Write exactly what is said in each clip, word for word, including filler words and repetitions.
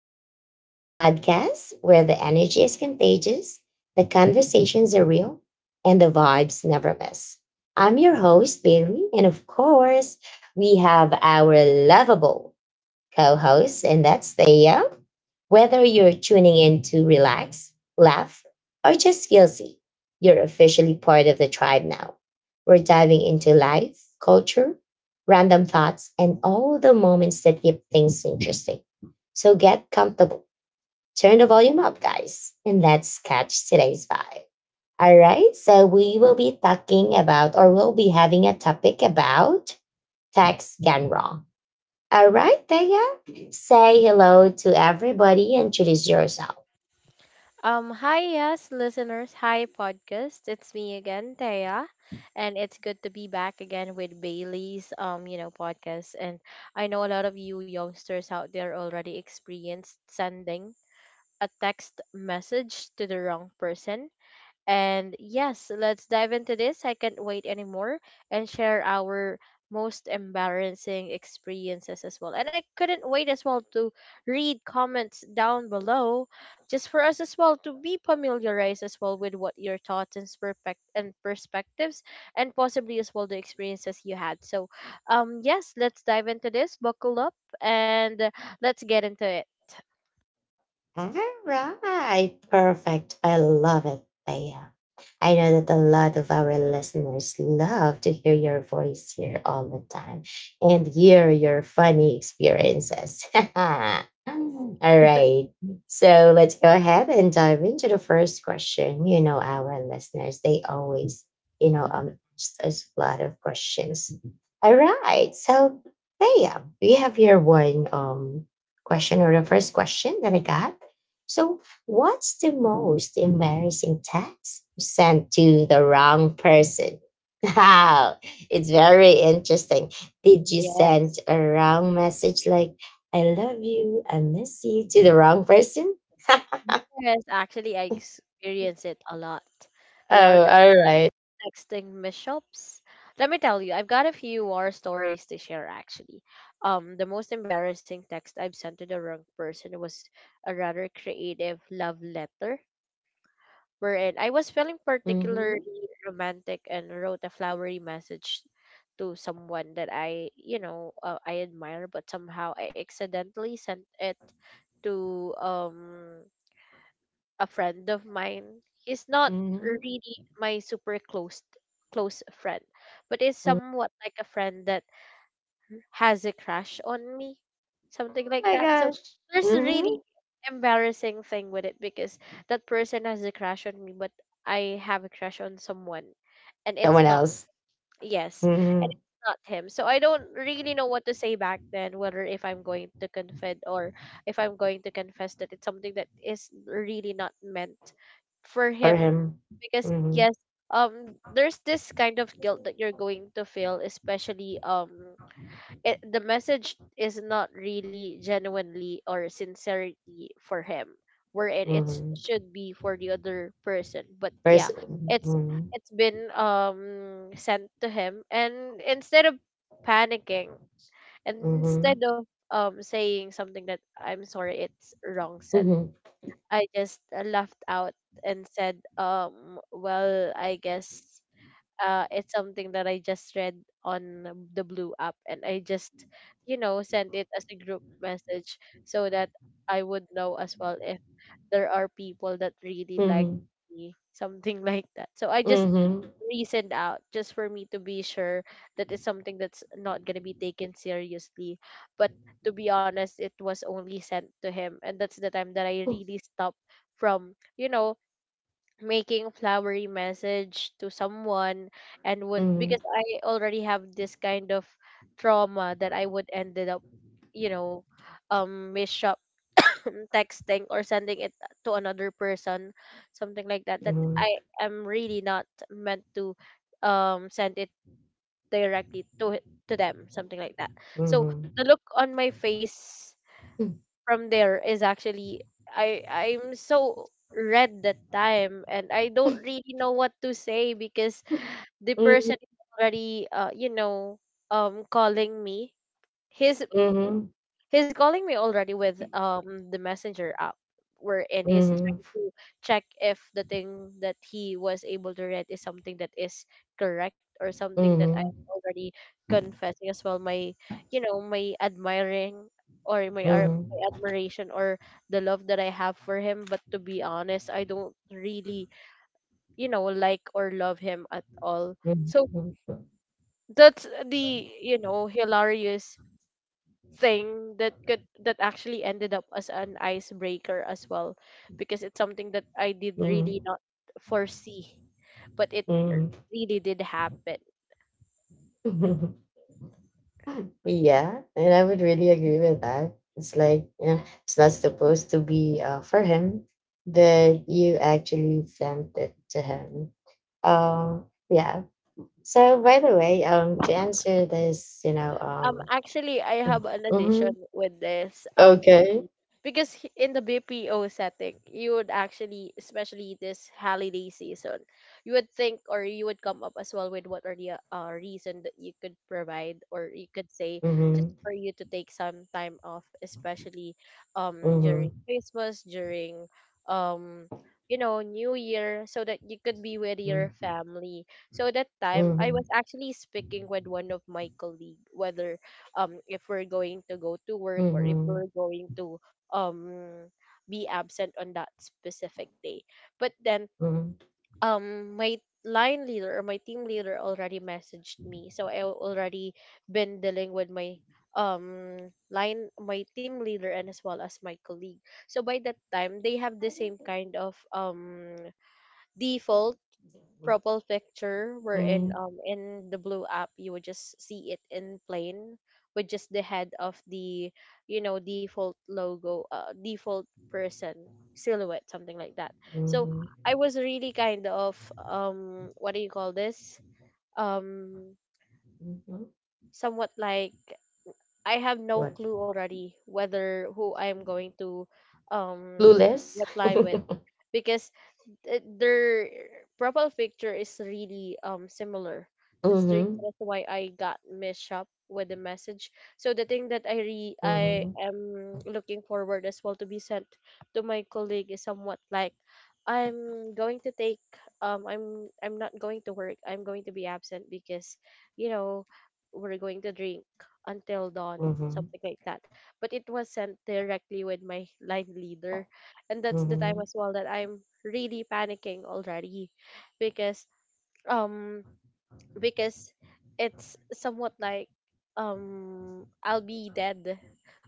Tribe, the podcast where the energy is contagious, the conversations are real, and the vibes never miss. I'm your host, Bailey, and of course, we have our lovable co host, and that's Thea. Whether you're tuning in to relax, laugh, or just feel free, you're officially part of the tribe now. We're diving into life, culture, random thoughts, and all the moments that keep things interesting. So get comfortable, turn the volume up, guys, and let's catch today's vibe. All right, so we will be talking about, or we'll be having a topic about tax gone wrong. All right, Thea, say hello to everybody. Introduce yourself. Um, hi, yes, listeners. Hi, podcast. It's me again, Thea, and it's good to be back again with Bailey's, um, you know, podcast. And I know a lot of you youngsters out there already experienced sending a text message to the wrong person, and yes, let's dive into this. I can't wait anymore and share our most embarrassing experiences as well. And I couldn't wait as well to read comments down below just for us as well to be familiarized as well with what your thoughts and perspect and perspectives and possibly as well the experiences you had. So, um yes, let's dive into this. Buckle up and uh, let's get into it. All right, perfect. I love it, Thea. I know that a lot of our listeners love to hear your voice here all the time and hear your funny experiences. All right. So let's go ahead and dive into the first question. You know, our listeners, they always, you know, um, ask us a lot of questions. All right. So, Thea, we have here one um, question, or the first question that I got. So, what's the most embarrassing text you sent to the wrong person? Wow, it's very interesting. Did you send Yes. a wrong message like, I love you, I miss you to the wrong person? Yes, actually I experience it a lot, the Oh, art of all right. texting mishaps. Let me tell you, I've got a few war stories to share actually. Um, the most embarrassing text I've sent to the wrong person was a rather creative love letter wherein I was feeling Mm-hmm. particularly romantic and wrote a flowery message to someone that I, you know, uh, I admire, but somehow I accidentally sent it to um a friend of mine. He's not Mm-hmm. really my super close close friend, but is Oh somewhat like a friend that has a crush on me, something like my that. So gosh. there's a Mm-hmm. really embarrassing thing with it because that person has a crush on me, but I have a crush on someone, and it's Someone not. else. Yes, and Mm-hmm. it's not him. So I don't really know what to say back then, whether if I'm going to confess or if I'm going to confess that it's something that is really not meant for Or him. him. Because Mm-hmm. yes, um there's this kind of guilt that you're going to feel, especially um it, the message is not really genuinely or sincerity for him wherein it Mm-hmm. should be for the other person, but yeah, Person. it's Mm-hmm. it's been um sent to him, and instead of panicking and Mm-hmm. instead of um saying something that I'm sorry it's wrong sent, Mm-hmm. I just uh, laughed out and said, um well I guess uh, it's something that I just read on the Blue app, and I just, you know, sent it as a group message so that I would know as well if there are people that really like Mm-hmm. me, something like that. So I just Mm-hmm. reasoned out just for me to be sure that it's something that's not gonna be taken seriously. But to be honest, it was only sent to him, and that's the time that I really stopped from, you know, making flowery message to someone, and would Mm-hmm. because I already have this kind of trauma that I would ended up, you know, um mishap, texting or sending it to another person, something like that. That Mm-hmm. I am really not meant to um send it directly to it- to them, something like that. So the Mhm. look on my face from there is actually I I'm so red that time, and I don't really know what to say because the Mm. person is already uh you know um calling me. His Mhm. He's calling me already with um the messenger app wherein he's Mhm. trying to check if the thing that he was able to read is something that is correct or something that I'm Mhm. already confessing as well my, you know, my admiring or my, ar- Mhm. my admiration or the love that I have for him, but to be honest I don't really, you know, like or love him at all. Mhm. So that's the, you know, hilarious thing that could that actually ended up as an icebreaker as well because it's something that I did really Mhm. not foresee, but it Mhm. Mhm. really did happen. Yeah, and I would really agree with that. It's like, you know, it's not supposed to be uh, for him, but you actually sent it to him. Um, yeah. So by the way, um, to answer this, you Um, know, actually, I um, have an mm-hmm, addition with this um okay. B P. Because h- in the B P O setting, you would actually, especially this holiday season, you would think or you would come up as well with what are the uh, reason that you could provide or you could say Mm-hmm. just for you to take some time off, especially um Mm-hmm. during Christmas, during um you know, New Year, so that you could be with your family. So that time I Mm-hmm. was actually speaking with one of my colleague whether um if we're going to go to work or if we're Mm-hmm. going to um be absent on that specific day. But then Hmm. um my line leader or my team leader already messaged me. So I already been dealing with my um line my team leader and as well as my colleague. So by that time they have the same kind of um default Propal picture wherein Mm. um in the blue app you would just see it in plain with just the head of the, you know, default logo, uh default person silhouette, something like that. So Mhm. I was really kind of um what do you call this, um Mhm. somewhat like I have no What? clue already whether who I'm going to um Clueless. reply with, because th- their profile picture is really um similar. That's the reason Mm-hmm. as to why I got messed up with the message. So the thing that I re I Mm-hmm. am looking forward as well to be sent to my colleague is somewhat like I'm going to take um I'm I'm not going to work. I'm going to be absent because, you know, we're going to drink until dawn, Mm-hmm. something like that. But it was sent directly with my line leader, and that's Mm-hmm. the time Mm-hmm. as well that I'm really panicking already because um because it's somewhat like um I'll be dead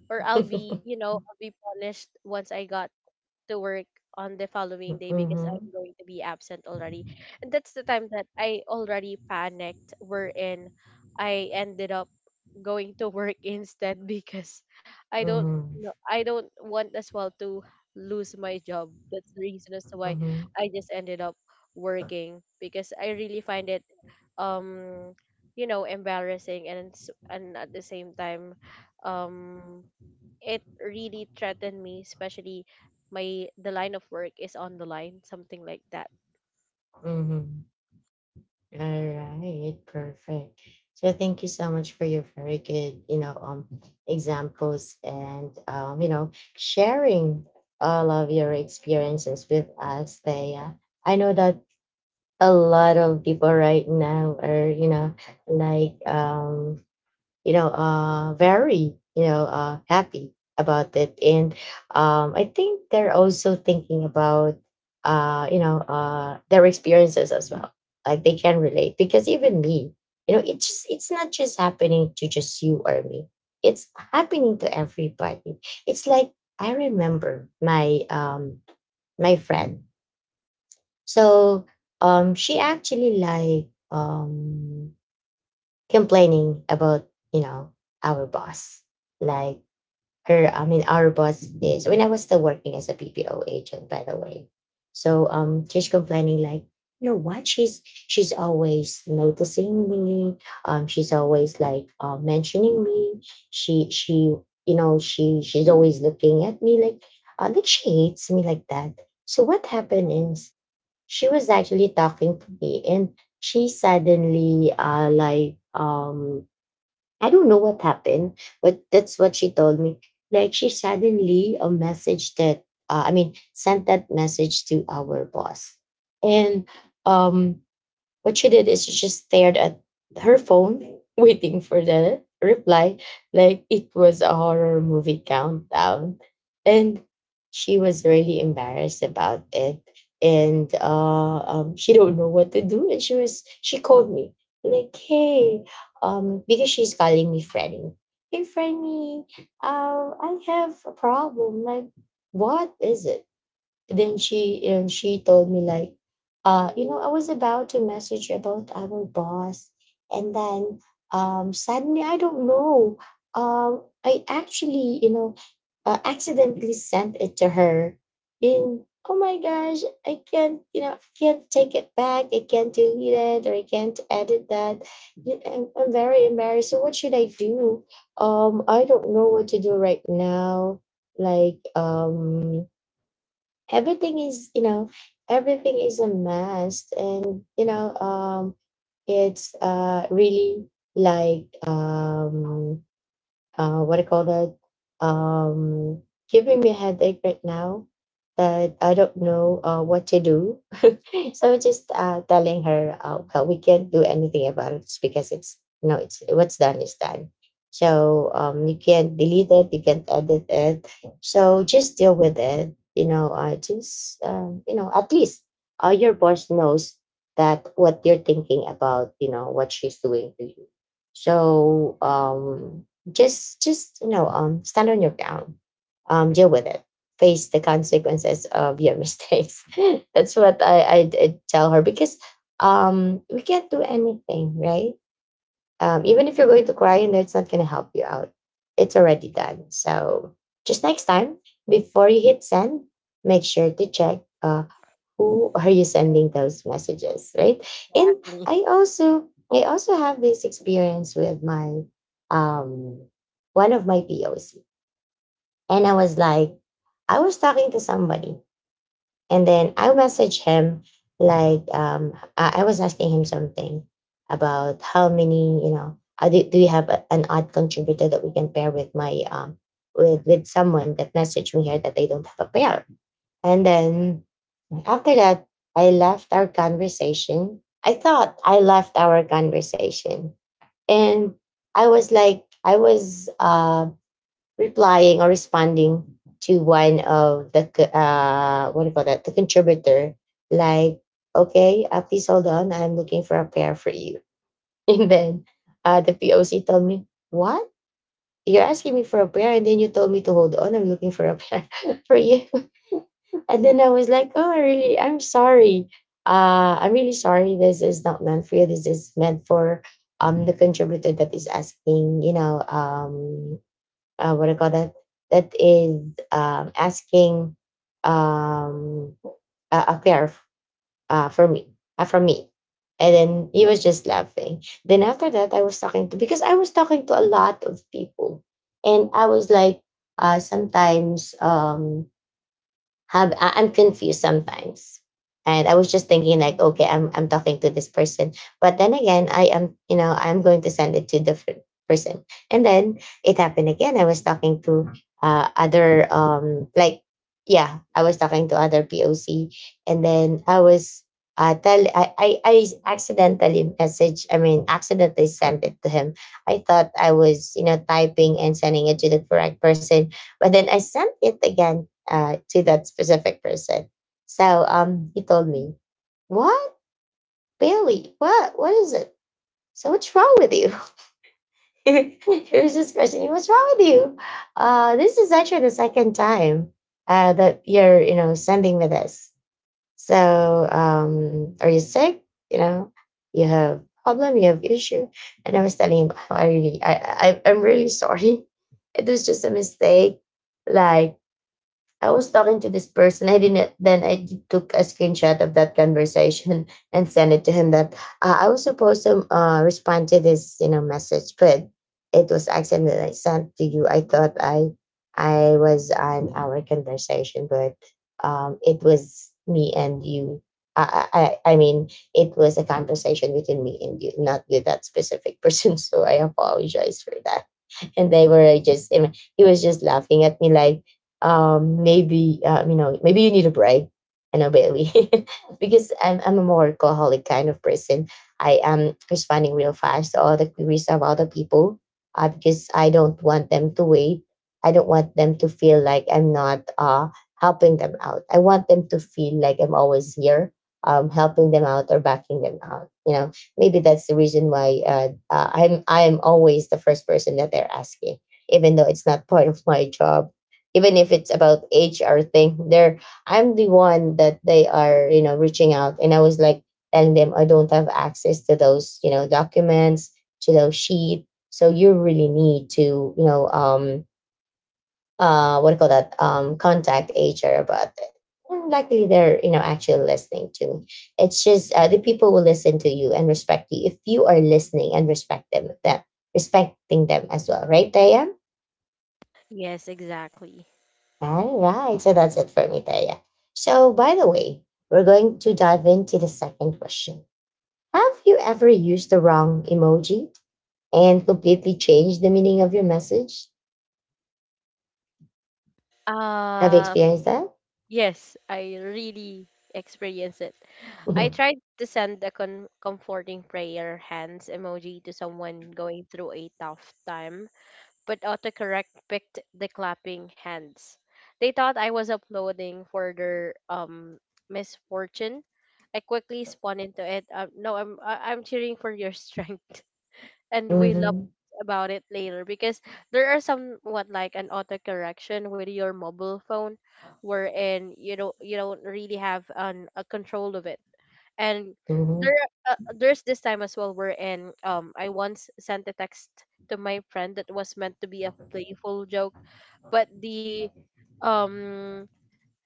or I'll be, you know, I'll be punished once I got to work on the following day because I'm going to be absent already. And that's the time that I already panicked wherein I ended up going to work instead because I don't Mm-hmm. know, I don't want as well to lose my job. That's the reason as to why Mm-hmm. I just ended up working because I really find it um you know, embarrassing, and s- and at the same time um it really threatened me, especially my the line of work is on the line, something like that. Mm-hmm. All right, perfect. So thank you so much for your very good, you know, um, examples and um, you know, sharing all of your experiences with us, Thea. I know that a lot of people right now are you know like um you know uh very you know uh happy about it, and um I think they're also thinking about uh you know uh their experiences as well, like they can relate. Because even me, you know it's just it's not just happening to just you or me, it's happening to everybody. It's like, I remember my um my friend. So um, she actually like um, complaining about you know our boss, like her. I mean, our boss is when I was still working as a B P O agent, by the way. So um, she's complaining like, you know what? She's she's always noticing me. Um, she's always like uh, mentioning me. She she you know she she's always looking at me, like uh, like she hates me like that. So what happened is, she was actually talking to me, and she suddenly uh like um I don't know what happened, but that's what she told me. Like, she suddenly a message that uh, I mean sent that message to our boss. And um what she did is she just stared at her phone, waiting for the reply, like it was a horror movie countdown. And she was really embarrassed about it. And uh, um, she don't know what to do. And she was she called me like, hey, um, because she's calling me Frenny. Hey, Frenny, uh, I have a problem. Like, what is it? Then she and she told me like, uh you know I was about to message about our boss, and then um suddenly I don't know, um I actually, you know uh, accidentally sent it to her in. Oh my gosh, I can't, you know I can't take it back, I can't delete it, or I can't edit that. i'm, I'm very embarrassed. So what should I do? um I don't know what to do right now. like um everything is, you know everything is a mess. And you know um it's uh really like um uh, what I call that? Um, giving me a headache right now, that I don't know uh, what to do. So just uh, telling her, uh, well, we can't do anything about it, because it's, you know it's what's done is done. So um, you can't delete it, you can't edit it. So just deal with it. You know, uh, just um, you know, at least uh, your boss knows that what you're thinking about. You know what she's doing to you. So um, just just you know, um stand on your ground, um deal with it, face the consequences of your mistakes. That's what i i did tell her, because um we can't do anything, right? um even if you're going to cry, and it's not going to help you out, it's already done. So just next time, before you hit send, make sure to check uh who are you sending those messages, right? And Exactly. i also i also have this experience with my um one of my POC. And I was like, I was talking to somebody, and then I messaged him like, um i, I was asking him something about how many, you know uh, do, do you have a- an odd contributor that we can pair with my um with with someone that messaged me here that they don't have a pair. And then after that, I left our conversation. I thought I left our conversation. And I was like, I was uh, replying or responding to one of the, co- uh, what do you call that, the contributor, like, okay, uh, please hold on. I'm looking for a pair for you. And then uh, the P O C told me, what? You're asking me for a pair, and then you told me to hold on. I'm looking for a pair for you. And then I was like, oh, I really, I'm sorry. Uh, I'm really sorry. This is not meant for you. This is meant for um the contributor that is asking, you know, um, uh, what I call that, that is um, asking um, a, a pair of, uh, for me, uh, from me. And then he was just laughing. Then after that, I was talking to, because I was talking to a lot of people. And I was like, uh, sometimes um, have I- I'm confused sometimes. And I was just thinking like, okay, I'm I'm talking to this person. But then again, I am, you know, I'm going to send it to the fir- person. And then it happened again. I was talking to uh other um like yeah, I was talking to other P O C. And then I was uh tell I, I I accidentally message I mean accidentally sent it to him. I thought I was, you know, typing and sending it to the correct person, but then I sent it again uh, to that specific person. So um, he told me, "What, Bailey? What? What is it? So what's wrong with you?" He was just questioning, "What's wrong with you? Uh, this is actually the second time uh, that you're, you know, sending me this. So um, are you sick? You know, you have problem, you have issue." And I was telling him, "Oh, I really, I, I, I'm really sorry. It was just a mistake." Like, I was talking to this person. I didn't. Then I d- took a screenshot of that conversation and sent it to him. That uh, I was supposed to uh, respond to this, you know, message, but it was accident that I sent to you. I thought I I was on our conversation, but um, it was me and you. I, I I I mean, it was a conversation between me and you, not with that specific person. So I apologize for that. And they were just and he was just laughing at me like, um maybe uh, you know, maybe you need a break, you know, Bailey. Because I'm, I'm a more alcoholic kind of person. I am responding real fast to all the queries of other people, uh, because I don't want them to wait. I don't want them to feel like I'm not uh helping them out. I want them to feel like I'm always here, um helping them out, or backing them out, you know? Maybe that's the reason why, uh, uh, I'm I am always the first person that they're asking, even though it's not part of my job. Even if it's about H R thing, they're I'm the one that they are you know reaching out, and I was like telling them I don't have access to those you know documents to those sheet, so you really need to you know um uh what do you call that, um contact H R about it. Likely they're you know actually listening to me. It's just uh, the people will listen to you and respect you if you are listening and respect them them respecting them as well, right, Taya? Yes, exactly. All right, so that's it for me, Taya. So by the way, we're going to dive into the second question. Have you ever used the wrong emoji and completely changed the meaning of your message? Have you Um, experienced that? yes, I really experienced it. I hmm tried to send a con- comforting prayer hands emoji to someone going through a tough time, but autocorrect picked the clapping hands. They thought I was uploading for their um misfortune. I quickly spun into it. Um, no, I'm I- I'm cheering for your strength, and we laughed hmm about it later because there are somewhat like an autocorrection with your mobile phone, wherein you don't you don't really have an a control of it. And there uh, there's this time as well wherein um I once sent a text to my friend that was meant to be a playful joke, but the um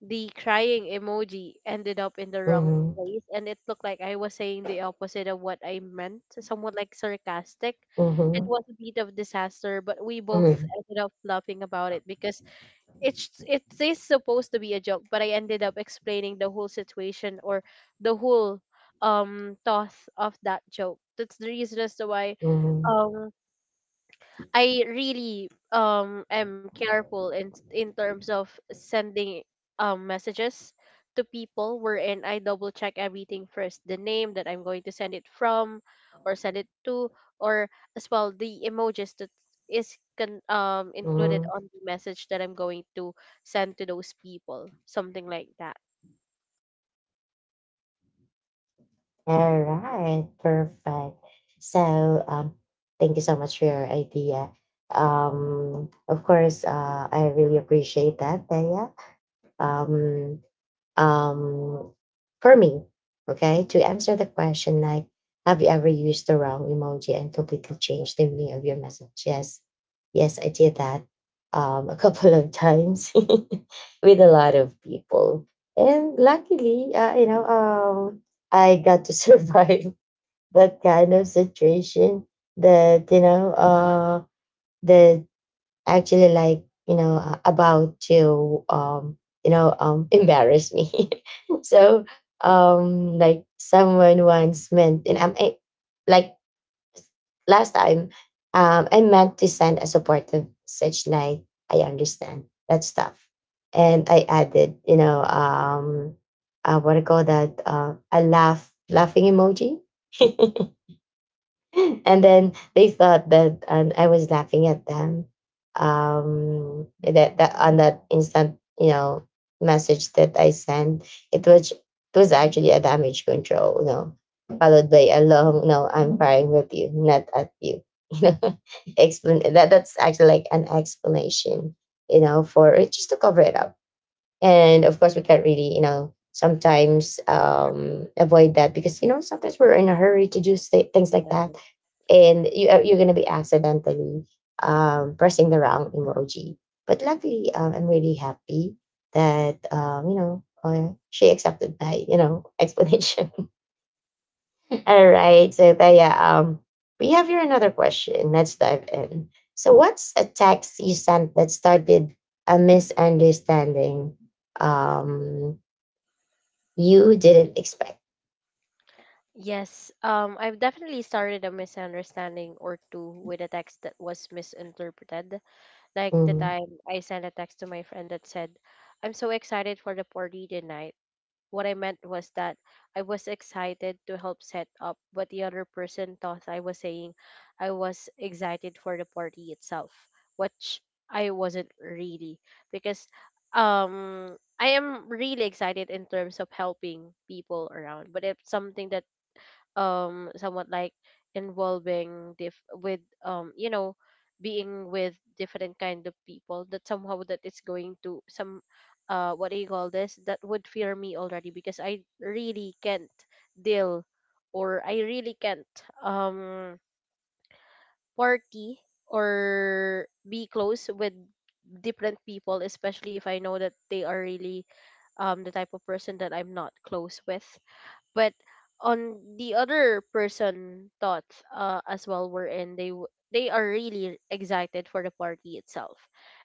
the crying emoji ended up in the wrong hmm place, and it looked like I was saying the opposite of what I meant, somewhat like sarcastic. It hmm was a bit of disaster, but we both Mhm, ended up laughing about it because it's it is supposed to be a joke, but I ended up explaining the whole situation or the whole um thought of that joke. That's the reason as to why mhm, um I really um am careful in in terms of sending um messages to people wherein I double check everything first, the name that I'm going to send it from or send it to, or as well the emojis that is con- um included mhm. on the message that I'm going to send to those people, something like that. All right, perfect. So, um, thank you so much for your idea. Um, of course, uh, I really appreciate that, Thea. Um, um, for me, okay, to answer the question, like, have you ever used the wrong emoji and completely changed the meaning of your message? Yes, yes, I did that um, a couple of times with a lot of people, and luckily, uh, you know, um, I got to survive that kind of situation. That you know, uh, the actually like you know uh, about to um you know um embarrass me so um like someone once meant and I'm I, like last time um I meant to send a supportive message like I understand that's tough and I added you know um uh, what I call that, uh, a laugh laughing emoji. And then they thought that and I was laughing at them. Um, that, that on that instant, you know, message that I sent, it was it was actually a damage control, you know, followed by a long no, I'm firing with you, not at you. You know, explain that, that's actually like an explanation, you know, for just to cover it up. And of course, we can't really, you know, sometimes um, avoid that because you know sometimes we're in a hurry to do sta- things like that Yes. and you are, you're going to be accidentally, um, pressing the wrong emoji. But luckily, um, I'm really happy that um, you know uh, she accepted my you know explanation. All right, so Taya, um, we have here another question. Let's dive in. So, what's a text you sent that started a misunderstanding um, you didn't expect? Yes, um I've definitely started a misunderstanding or two with a text that was misinterpreted. Like the Mhm. time I sent a text to my friend that said, I'm so excited for the party tonight. What I meant was that I was excited to help set up, but the other person thought I was saying I was excited for the party itself, which I wasn't really because um I am really excited in terms of helping people around, but it's something that um somewhat like involving diff- with um you know, being with different kind of people that somehow that is going to some uh what do you call this, that would fear me already because I really can't deal or I really can't um party or be close with different people, especially if I know that they are really um the type of person that I'm not close with. But on the other person thoughts, uh, as well, were in they w- they are really excited for the party itself.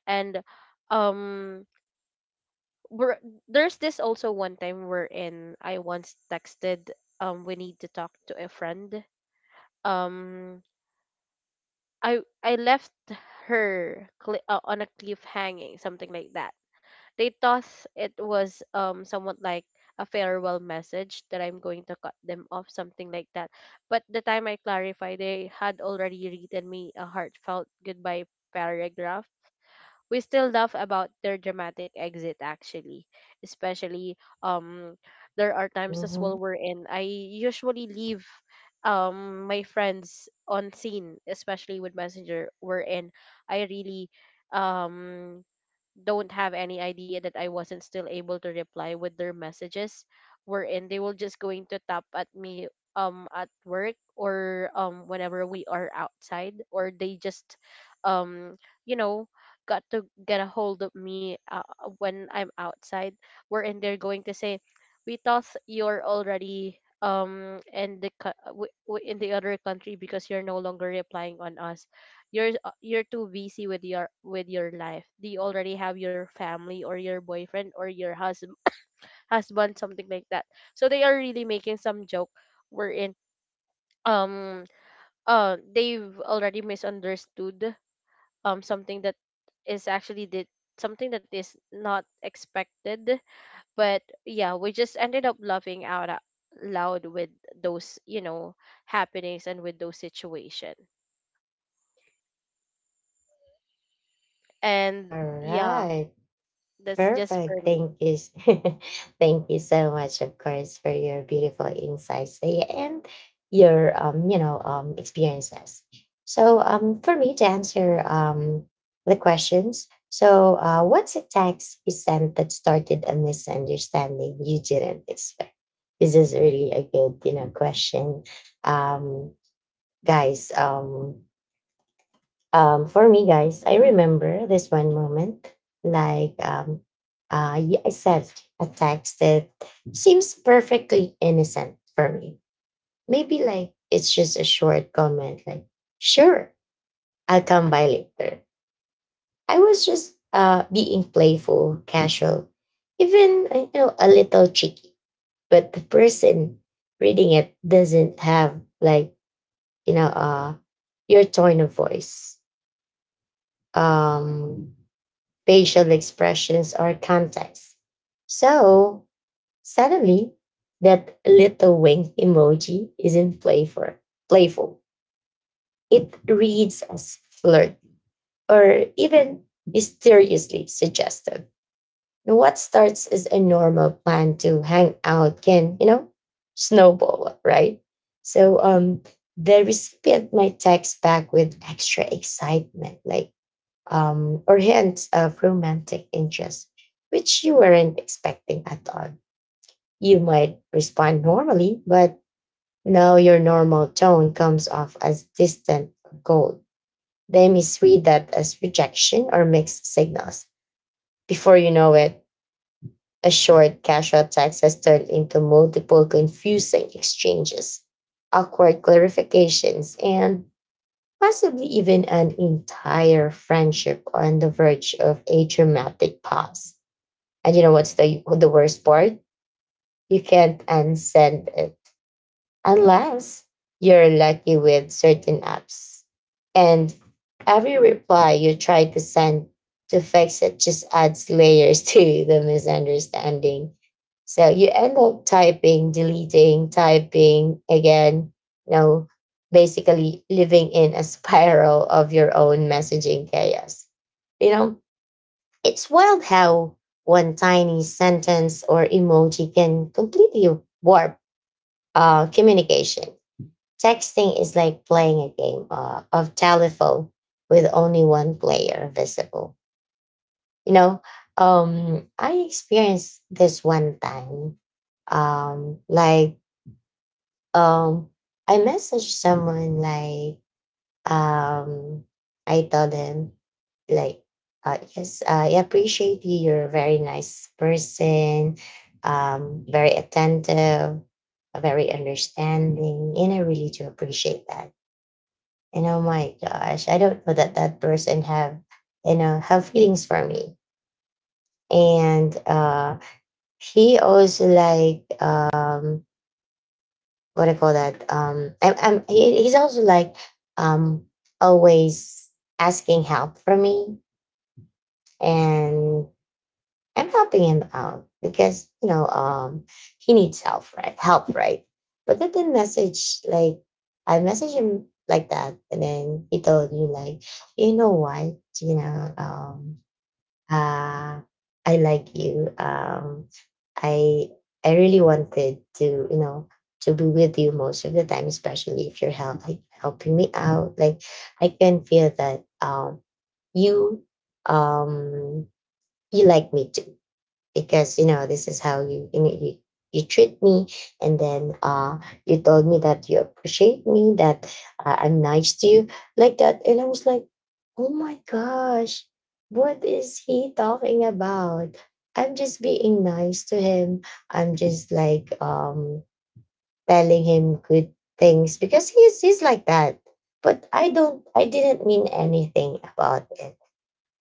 And um we're, there's this also one time we're in I once texted, um we need to talk, to a friend. um I i left her cli uh, on a cliff hanging, something like that. They thought it was um somewhat like a farewell message that I'm going to cut them off, something like that. But the time I clarified, they had already written me a heartfelt goodbye paragraph. We still laugh about their dramatic exit, actually, especially um there are times as Mhm. well wherein I usually leave um my friends on scene, especially with Messenger, wherein I really um don't have any idea that I wasn't still able to reply with their messages, wherein they will just going to tap at me um at work or um whenever we are outside, or they just um you know got to get a hold of me uh, when I'm outside, wherein they're going to say, we thought you're already um in the co- w- w- in the other country because you're no longer replying on us, you're uh, you're too busy with your with your life, do you already have your family or your boyfriend or your husband husband something like that. So they are really making some joke wherein um uh they've already misunderstood um something that is actually did, something that is not expected. But yeah, we just ended up laughing out a- loud with those you know happenings and with those situation. And All yeah, right. that's just for Perfect. me. Thank you. s- Thank you so much, of course, for your beautiful insights there and your um, you know, um experiences. So um for me to answer um the questions, so uh what's a text you sent that started a misunderstanding you didn't expect? This is really a good, you know, question. Um guys, um um, for me, guys, I remember this one moment. Like, um, uh, y- I sent a text that seems perfectly innocent for me. Maybe like it's just a short comment, like, sure, I'll come by later. I was just uh, being playful, casual, even, uh, you know, a little cheeky. But the person reading it doesn't have, like, you know, uh, your tone of voice. Um, facial expressions, or context. So suddenly, that little wink emoji isn't playful. Playful. It reads as flirt or even mysteriously suggestive. What starts as a normal plan to hang out can, you know, snowball, right? So um, the recipient might text back with extra excitement, like, um, or hints of romantic interest, which you weren't expecting at all. You might respond normally, but now your normal tone comes off as distant or cold. They misread that as rejection or mixed signals. Before you know it, a short, casual text has turned into multiple confusing exchanges, awkward clarifications, and possibly even an entire friendship on the verge of a dramatic pause. And you know what's the the worst part? You can't unsend it unless you're lucky with certain apps. And every reply you try to send to fix it just adds layers to the misunderstanding. So you end up typing, deleting, typing again, you know, basically living in a spiral of your own messaging chaos. You know, it's wild how one tiny sentence or emoji can completely warp uh, communication. Texting is like playing a game uh, of telephone with only one player visible. You know, um, I experienced this one time. Um, like, um, I messaged someone like, um, I tell them like, uh, yes, I appreciate you. You're a very nice person, um, very attentive, very understanding, and I really do appreciate that. And oh my gosh, I don't know that that person have, you know, have feelings for me. And uh, he also like um, what do you call that? Um, I'm, I'm, he, he's also like um, always asking help from me, and I'm helping him out because you know um, he needs help, right? Help, right? But then the message like I messaged him like that, and then he told me like, you know why? You know, um, uh, I like you. Um, I I really wanted to you know to be with you most of the time, especially if you're help, like, helping me out. Like I can feel that um, you um, you like me too because you know this is how you you know, you, you treat me and then uh you told me that you appreciate me that uh, I'm nice to you like that and I was like oh my gosh, what is he talking about? I'm just being nice to him. I'm just like um telling him good things because he's he's like that, but i don't I didn't mean anything about it.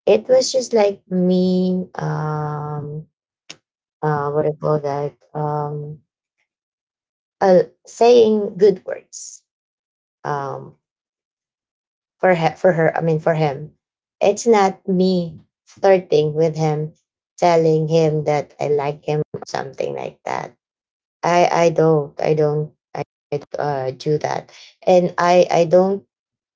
It was just like me um uh, what I call that, um, uh, saying good words, um, for he- for her. I mean, for him, it's not me flirting with him, telling him that I like him, or something like that. I I don't I don't I don't, uh, do that, and I I don't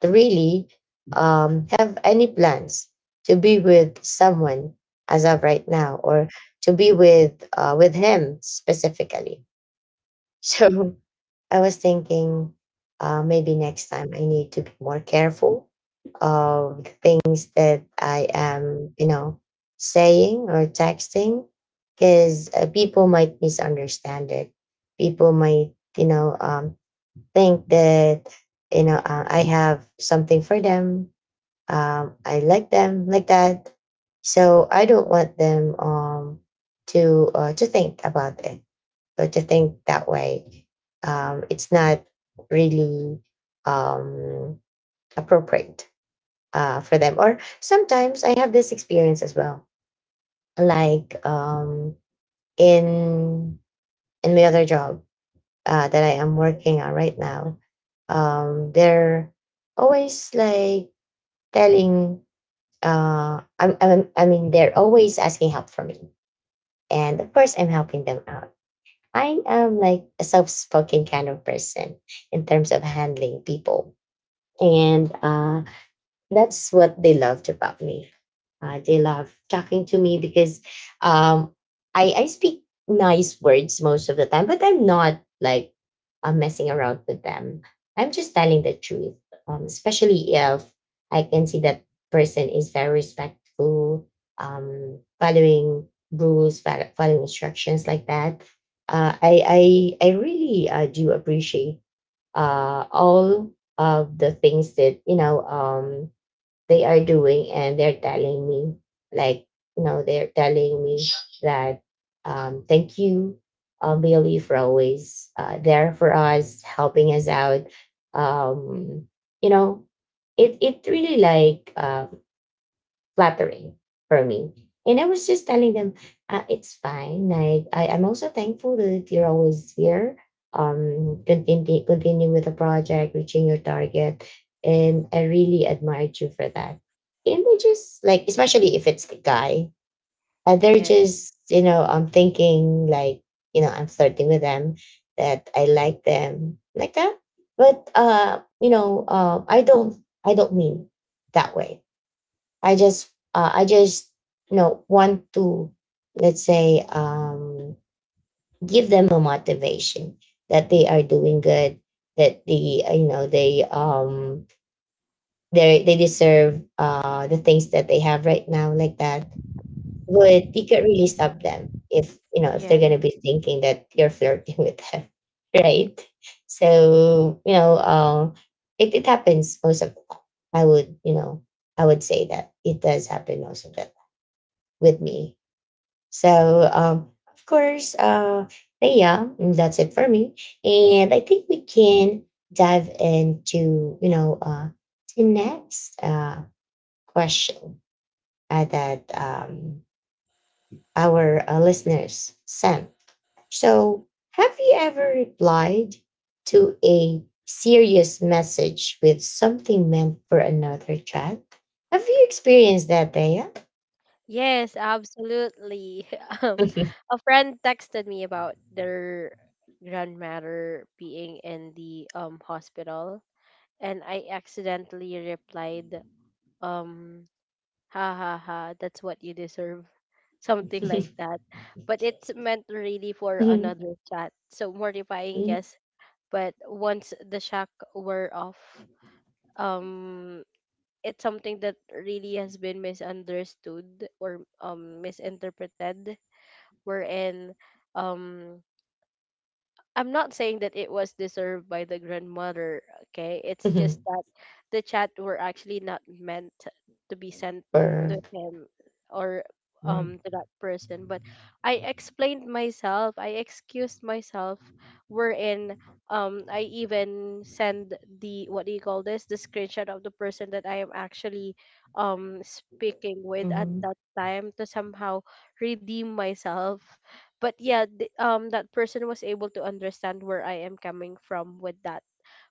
really um, have any plans to be with someone as of right now, or to be with uh, with him specifically. So I was thinking uh, maybe next time I need to be more careful of the things that I am, you know, saying or texting because uh, people might misunderstand it. People might, you know, um, think that, you know, uh, I have something for them. Um, I like them like that. So I don't want them um, to uh, to think about it so to think that way, um, it's not really um, appropriate uh, for them. Or sometimes I have this experience as well, like um, in in my other job uh, that I am working on right now. Um, they're always like telling. Uh, I'm, I'm, I mean, they're always asking help for me, and of course, I'm helping them out. I am like a self spoken kind of person in terms of handling people. And uh, that's what they loved about me. Uh, they love talking to me because um, I, I speak nice words most of the time, but I'm not like uh, messing around with them. I'm just telling the truth, um, especially if I can see that person is very respectful, um, following rules, fo- following instructions like that. Uh, I, I, I really uh, do appreciate uh, all of the things that, you know, um, they are doing and they're telling me like you know they're telling me that um, thank you, uh, Billy, for always uh, there for us helping us out, um, you know it it really like uh, flattering for me. And I was just telling them, uh, it's fine. Like I, I'm also thankful that you're always here, um, continue, continue with the project, reaching your target, and I really admired you for that. And they just like, especially if it's a guy, uh, they're Yeah. just you know, I'm thinking like you know, I'm flirting with them, that I like them like that. But uh, you know, uh, I don't, I don't mean that way. I just uh, I just you know want to, let's say, um, give them a motivation that they are doing good, that the you know they um they they deserve uh the things that they have right now like that. But you can really stop them if you know if they're Yeah. gonna be thinking that you're flirting with them, right? So you know um it, it happens most of the time. i would you know I would say that it does happen most of the with me. So, um, of course, uh, but yeah, that's it for me. And I think we can dive into, you know, uh, the next uh, question uh, that um, our uh, listeners sent. So, have you ever replied to a serious message with something meant for another chat? Have you experienced that, Daya? Yes, absolutely. Um, a friend texted me about their grandmother being in the um hospital, and I accidentally replied, um, ha ha ha, that's what you deserve, something like that. But it's meant really for another chat. So mortifying, yes. But once the shock wore off, um, it's something that really has been misunderstood or um misinterpreted, wherein um I'm not saying that it was deserved by the grandmother, okay? It's just that the chat were actually not meant to be sent to or him or Mhm, um to that person. But I explained myself, I excused myself, wherein um I even send the, what do you call this? The screenshot of the person that I am actually um speaking with at mhm, that time, to somehow redeem myself. But yeah, th- um that person was able to understand where I am coming from with that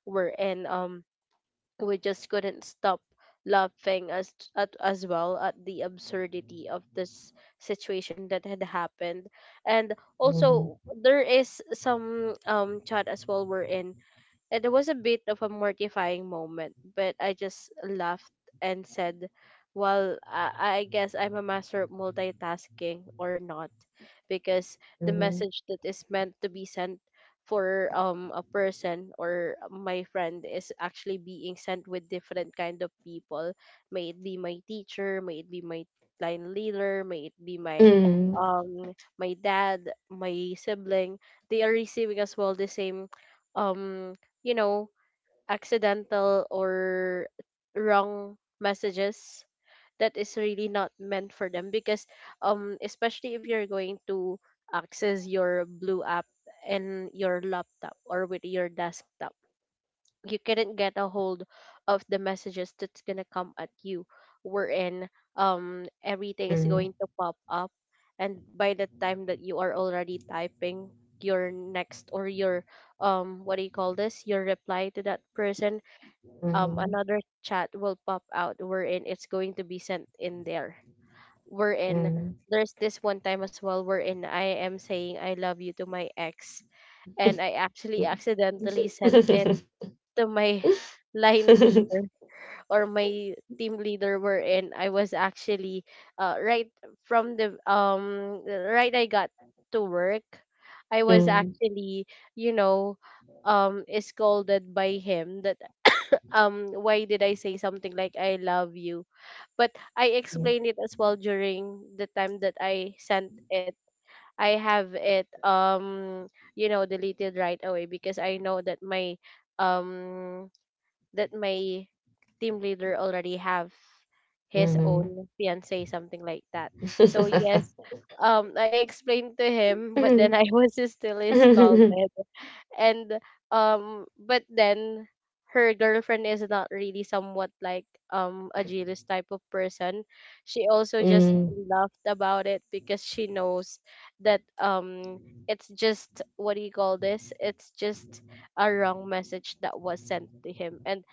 word. And um we just couldn't stop laughing, as at, as well at the absurdity of this situation that had happened. And mhm, also there is some um chat as well wherein, and it was a bit of a mortifying moment, but I just laughed and said, well, I, I guess I'm a master of multitasking or not, because the mhm, message that is meant to be sent for um a person or my friend is actually being sent with different kind of people, may it be my teacher, may it be my line leader, may it be my mhm, um my dad, my sibling, they are receiving as well the same um you know, accidental or wrong messages that is really not meant for them, because um especially if you're going to access your blue app and your laptop or with your desktop, you couldn't get a hold of the messages that's gonna come at you, wherein um everything is mhm, going to pop up. And by the time that you are already typing your next or your um what do you call this, your reply to that person, um another chat will pop out wherein it's going to be sent in there, mhm, wherein mhm, there's this one time as well wherein I am saying I love you to my ex, and I actually accidentally sent it to my line leader or my team leader, wherein I was actually uh, right from the um right I got to work, I was mhm, actually you know um scolded by him, that um why did I say something like I love you. But I explained it as well during the time that I sent it, I have it um you know deleted right away, because I know that my um that my team leader already have his mhm, own fiance, something like that. So yes, um I explained to him, but then I was still mhm. scolded. And um but then her girlfriend is not really somewhat like um a jealous type of person, she also just Mhm, laughed about it because she knows that um it's just, what do you call this, it's just a wrong message that was sent to him. And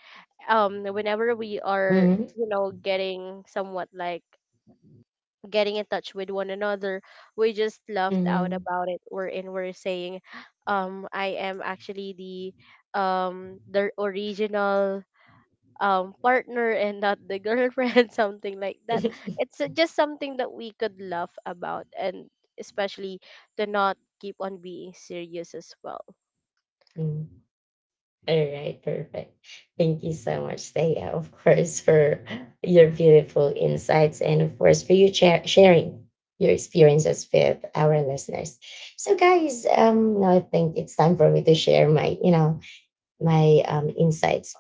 um whenever we are mhm, you know getting somewhat like getting in touch with one another, we just laughed out mhm. about it. We're wherein we're saying um I am actually the um the original um partner and not the girlfriend, something like that. It's uh, just something that we could laugh about, and especially to not keep on being serious as well. Mm. All right, perfect. Thank you so much, Thea, of course, for your beautiful insights and, of course, for you cha- sharing your experiences with our listeners. So, guys, um, now I think it's time for me to share my, you know, my um, insights.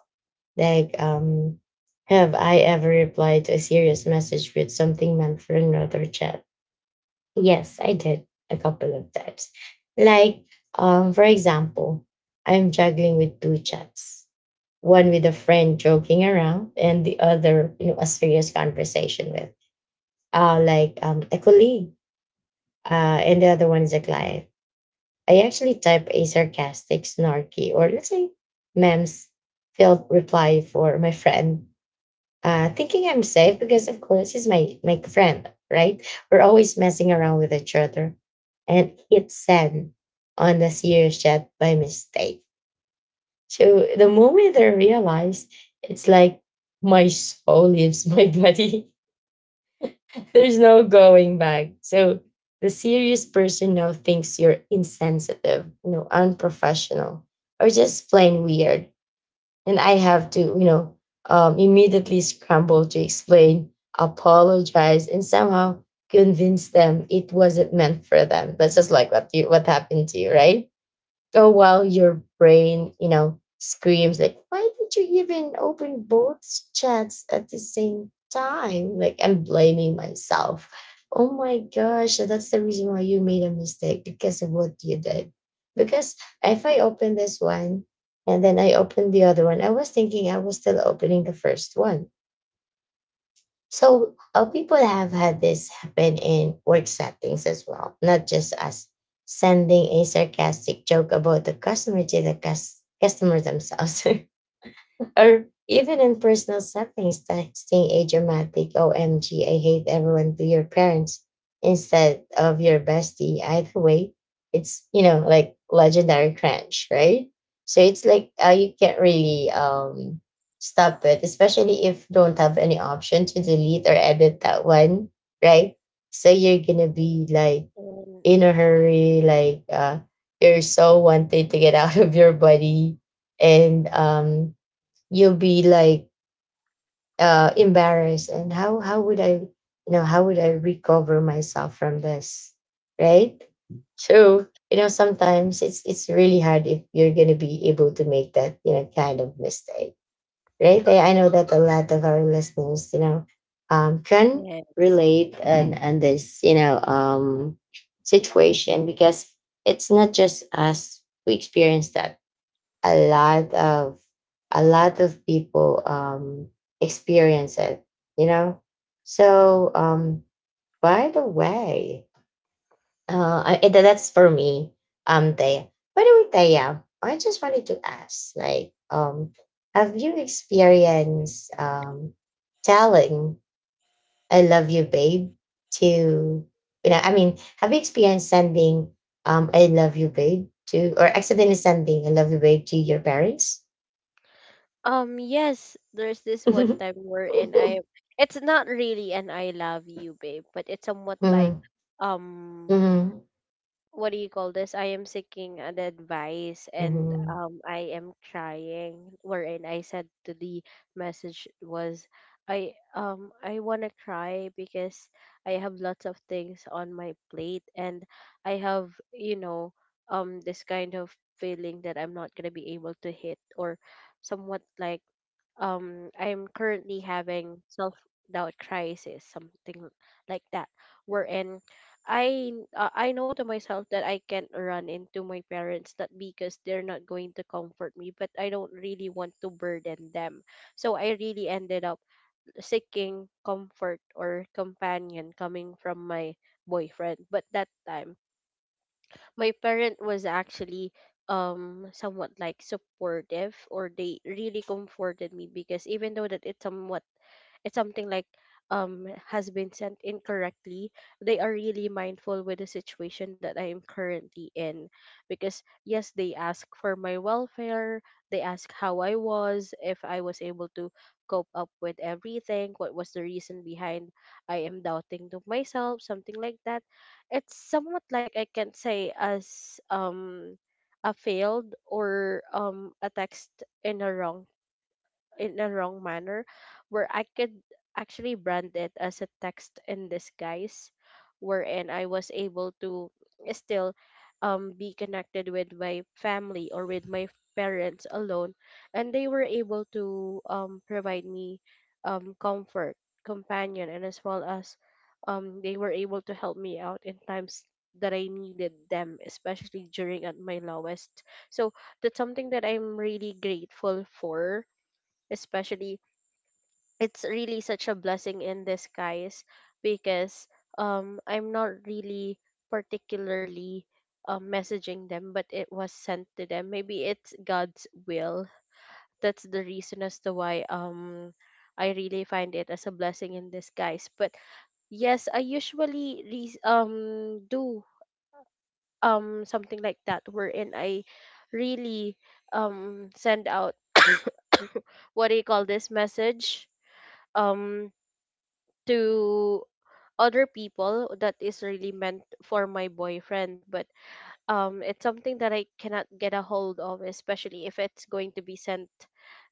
Like, um, have I ever replied to a serious message with something meant for another chat? Yes, I did a couple of times. Like, um, for example, I'm juggling with two chats. One with a friend joking around, and the other, you know, a serious conversation with, uh, like um, a colleague, uh, and the other one is a client. I actually type a sarcastic, snarky, or let's say, memes filled reply for my friend, uh, thinking I'm safe because, of course, he's my, my friend, right? We're always messing around with each other. And hit send on the serious chat by mistake. So the moment I realized, it's like my soul leaves my body. There's no going back. So the serious person now thinks you're insensitive, you know, unprofessional, or just plain weird, and I have to, you know, um, immediately scramble to explain, apologize, and somehow convince them it wasn't meant for them. That's just like what you what happened to you, right? Oh, well, your brain, you know, screams like, why did you even open both chats at the same time? Like, I'm blaming myself. Oh my gosh, that's the reason why you made a mistake because of what you did. Because if I open this one and then I open the other one, I was thinking I was still opening the first one. So, uh, people have had this happen in work settings as well, not just us sending a sarcastic joke about the customer to the cus- customer themselves, or even in personal settings, texting a dramatic O M G, I hate everyone, to your parents instead of your bestie. Either way, it's, you know, like legendary cringe, right? So it's like, uh, you can't really um, stop it, especially if you don't have any option to delete or edit that one, right? So you're going to be like And in a hurry, like, uh, you're so wanted to get out of your body, and um you'll be like, uh embarrassed, and how how would I you know how would I recover myself from this, right? So, you know, sometimes it's it's really hard if you're gonna be able to make that, you know, kind of mistake, right? i, I know that a lot of our listeners, you know, um can yes. relate and and this, you know, um situation, because it's not just us who experience that. a lot of a lot of people um experience it, you know. So, um by the way, uh I- and that's for me. um Taya, by the way, Taya, I just wanted to ask, like, um have you experienced um telling I love you babe to, you know, I mean, have you experienced sending um I love you babe to, or accidentally sending I love you babe to your parents? Um, yes, there's this one time wherein I Mhm, it's not really an I love you, babe, but it's somewhat like um mhm, what do you call this? I am seeking an advice, and mhm, um I am trying, wherein I said to the message was, I um I wanna cry, because I have lots of things on my plate, and I have, you know, um this kind of feeling that I'm not gonna be able to hit, or somewhat like um I'm currently having self doubt crisis, something like that, wherein I uh, I know to myself that I can't run into my parents, not because they're not going to comfort me, but I don't really want to burden them. So I really ended up seeking comfort or companion coming from my boyfriend. But that time my parent was actually um somewhat like supportive, or they really comforted me, because even though that it's somewhat, it's something like um has been sent incorrectly, they are really mindful with the situation that I am currently in. Because yes, they ask for my welfare, they ask how I was, if I was able to cope up with everything, what was the reason behind I am doubting to myself, something like that. It's somewhat like I can say as um a failed or um a text in a wrong, in a wrong manner, where I could actually brand it as a text in disguise, wherein I was able to still um, be connected with my family or with my parents alone, and they were able to um, provide me um, comfort, companion, and as well as um, they were able to help me out in times that I needed them, especially during at my lowest. So that's something that I'm really grateful for, especially it's really such a blessing in disguise, because um I'm not really particularly uh, messaging them, but it was sent to them. Maybe it's God's will, that's the reason as to why um I really find it as a blessing in disguise. But yes, I usually re- um do um something like that, wherein I really um send out what do you call this, message um to other people that is really meant for my boyfriend, but um it's something that I cannot get a hold of, especially if it's going to be sent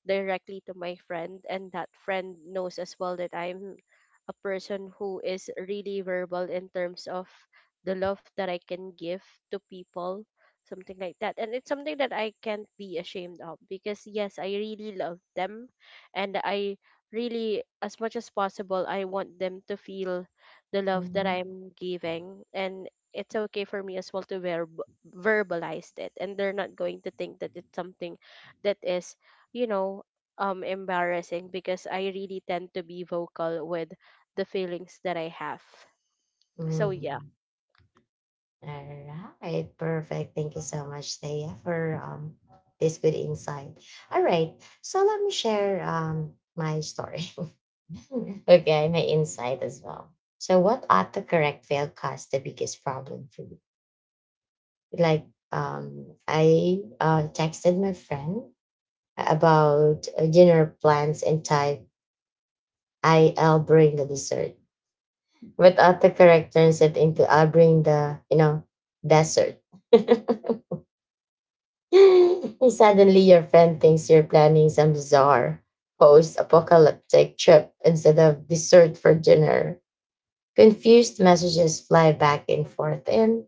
directly to my friend, and that friend knows as well that I'm a person who is really verbal in terms of the love that I can give to people, something like that. And it's something that I can't be ashamed of, because yes, I really love them. And I really, as much as possible, I want them to feel the love that mhm, I'm giving, and it's okay for me as well to verb, verbalized it, and they're not going to think that it's something that is, you know um embarrassing, because I really tend to be vocal with the feelings that I have. So yeah. mhm. Alright, perfect. Thank you so much, Thea, for um this good insight. All right, so let me share um my story. Okay, my insight as well. So, what autocorrect fail caused the biggest problem for you? Like, um, I, uh, texted my friend about, uh, dinner plans and type "I'll bring the dessert." But other character turns it into arguing the, you know, desert. And suddenly your friend thinks you're planning some bizarre post-apocalyptic trip instead of dessert for dinner. Confused messages fly back and forth and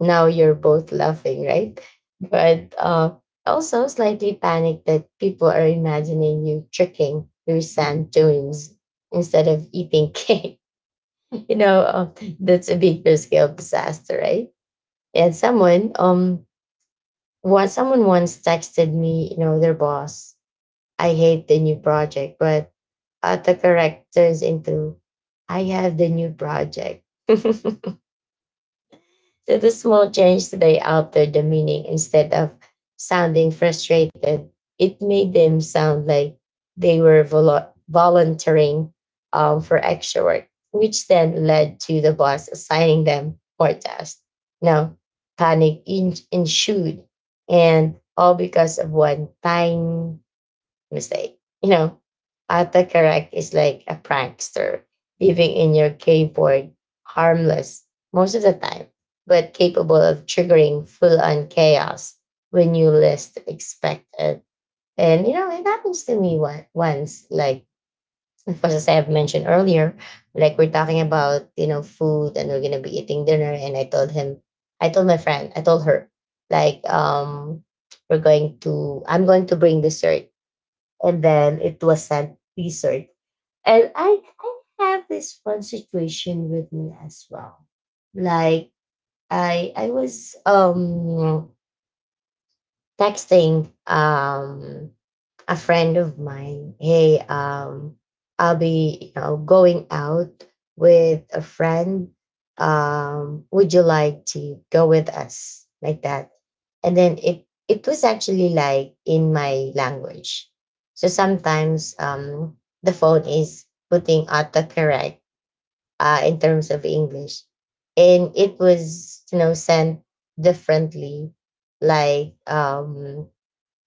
now you're both laughing, right? But, uh also slightly panicked that people are imagining you tricking your sand dunes instead of eating cake. You know, um, that's a bigger scale disaster, right? And someone, um, once someone once texted me, you know, their boss, I hate the new project, but autocorrect turns into, I have the new project. So the small change they altered the meaning instead of sounding frustrated. It made them sound like they were vol- volunteering, um, for extra work, which then led to the boss assigning them more tasks. Now, panic in- ensued, and all because of one tiny mistake. You know, autocorrect is like a prankster living in your keyboard, harmless most of the time, but capable of triggering full on chaos when you least expect it. And you know, it happens to me one, once, like of course, as I have mentioned earlier, like we're talking about, you know, food and we're gonna be eating dinner. And I told him, I told my friend, I told her, like, um, we're going to, I'm going to bring dessert, and then it was sent research. And I, I have this one situation with me as well. Like I I was um texting um a friend of mine, hey, um, I'll be, you know, going out with a friend. Um, would you like to go with us? Like that. And then it it was actually like in my language. So sometimes um the phone is putting autocorrect, uh in terms of English. And it was, you know, sent differently, like um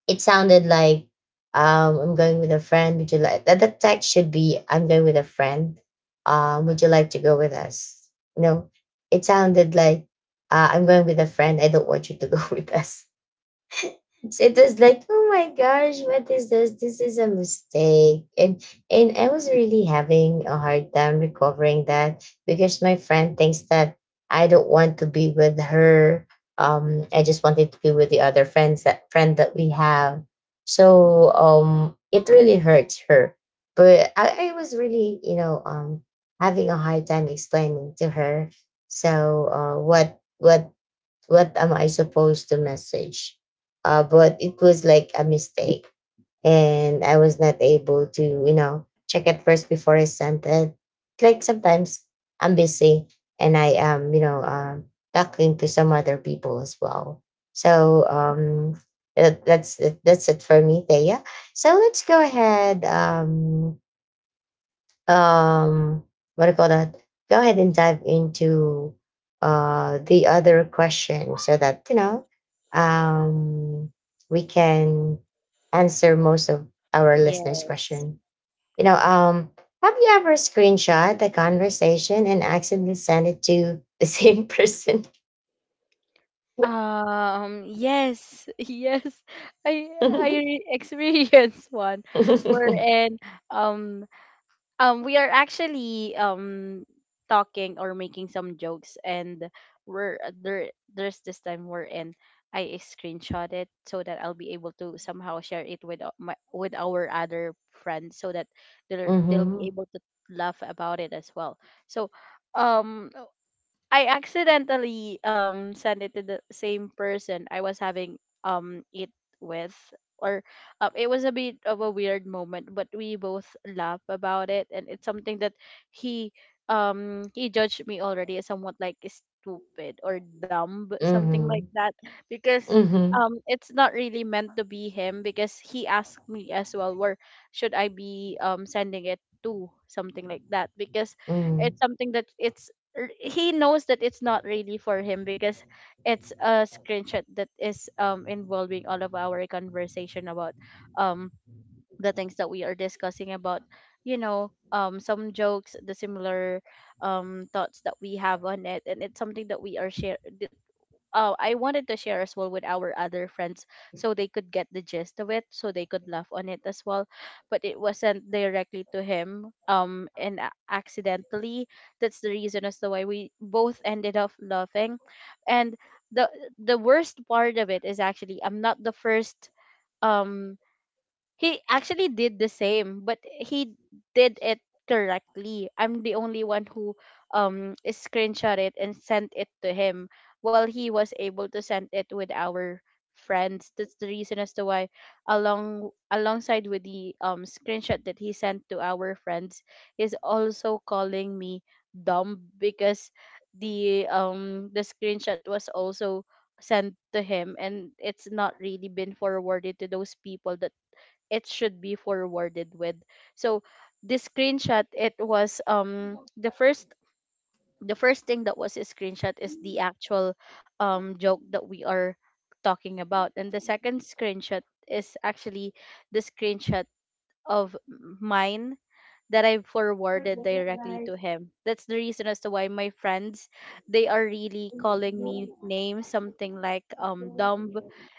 it sounded like, um, I'm going with a friend. Would you like that? The text should be I'm going with a friend. Um, would you like to go with us? No, it sounded like, uh, I'm going with a friend. I don't want you to go with us. So it was like, oh my gosh, what is this? This is a mistake. And and I was really having a hard time recovering that because my friend thinks that I don't want to be with her. Um, I just wanted to be with the other friends that friend that we have. So um it really hurts her. But I, I was really, you know, um having a hard time explaining to her. So, uh what what what am I supposed to message? Uh, but it was like a mistake. And I was not able to, you know, check it first before I sent it. Like sometimes I'm busy and I am, you know, um, talking to some other people as well. So, um, that- that's that's it for me, Thea. So let's go ahead, um, um what do you call that, go ahead and dive into uh the other question so that you know, um we can answer most of our listeners Yes. question, you know. Um have you ever screenshot a conversation and accidentally sent it to the same person? Um, yes, yes. I I Mm-hmm, re- experienced one mm-hmm, wherein um um we are actually um talking or making some jokes, and we're uh, there there's this time we're in I screenshot it, so that I'll be able to somehow share it with o- my with our other friends, so that they'll they'll be able to laugh about it as well. So um I accidentally um sent it to the same person I was having um it with, or um, it was a bit of a weird moment, but we both laugh about it, and it's something that he um he judged me already as somewhat like stupid or dumb, something like mm-hmm, that, because mm-hmm. um it's not really meant to be him, because he asked me as well where should I be um sending it to, something like that, because it's something that it's, r- he knows that it's not really for him, because it's a screenshot that is um involving all of our conversation about um the things that we are discussing about, you know um some jokes, the similar um thoughts that we have on it, and it's something that we are share uh, I wanted to share as well with our other friends, so they could get the gist of it, so they could laugh on it as well. But it wasn't directly to him, um, and a- accidentally. That's the reason as to why we both ended up laughing. And the the worst part of it is actually I'm not the first, um he actually did the same, but he did it correctly. I'm the only one who um screenshot it and sent it to him, while he was able to send it with our friends. That's the reason as to why, along alongside with the um screenshot that he sent to our friends, he's also calling me dumb because the um the screenshot was also sent to him and it's not really been forwarded to those people that it should be forwarded with. So this screenshot, it was, um the first, the first thing that was a screenshot is the actual um joke that we are talking about, and the second screenshot is actually the screenshot of mine that I forwarded directly to him. That's the reason as to why my friends, they are really calling me names, something like um dumb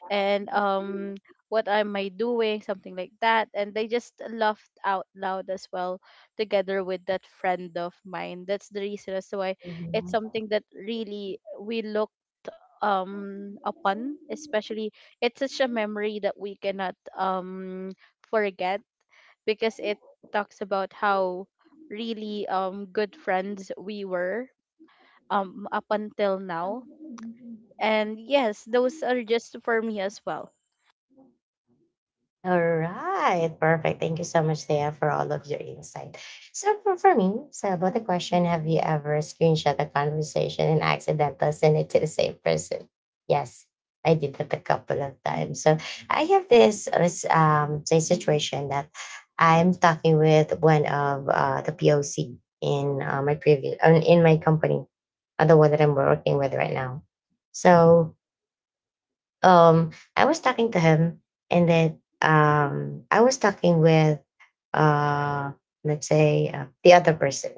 and um what am I doing, something like that. And they just laughed out loud as well together with that friend of mine. That's the reason as to why it's something that really we look um upon, especially it's such a memory that we cannot um forget, because it talks about how really um good friends we were, um up until now. Mm-hmm. And yes, those are just for me as well. All right, perfect. Thank you so much, Thea, for all of your insight. So, for, for me, so about the question, have you ever screenshot a conversation and accidentally sent it to the same person? Yes, I did that a couple of times. So, I have this, uh, this um say situation that I'm talking with one of, uh, the P O C in, uh, my previous uh, in my company, uh, the one that I'm working with right now. So, um I was talking to him and then um I was talking with, uh let's say, uh, the other person.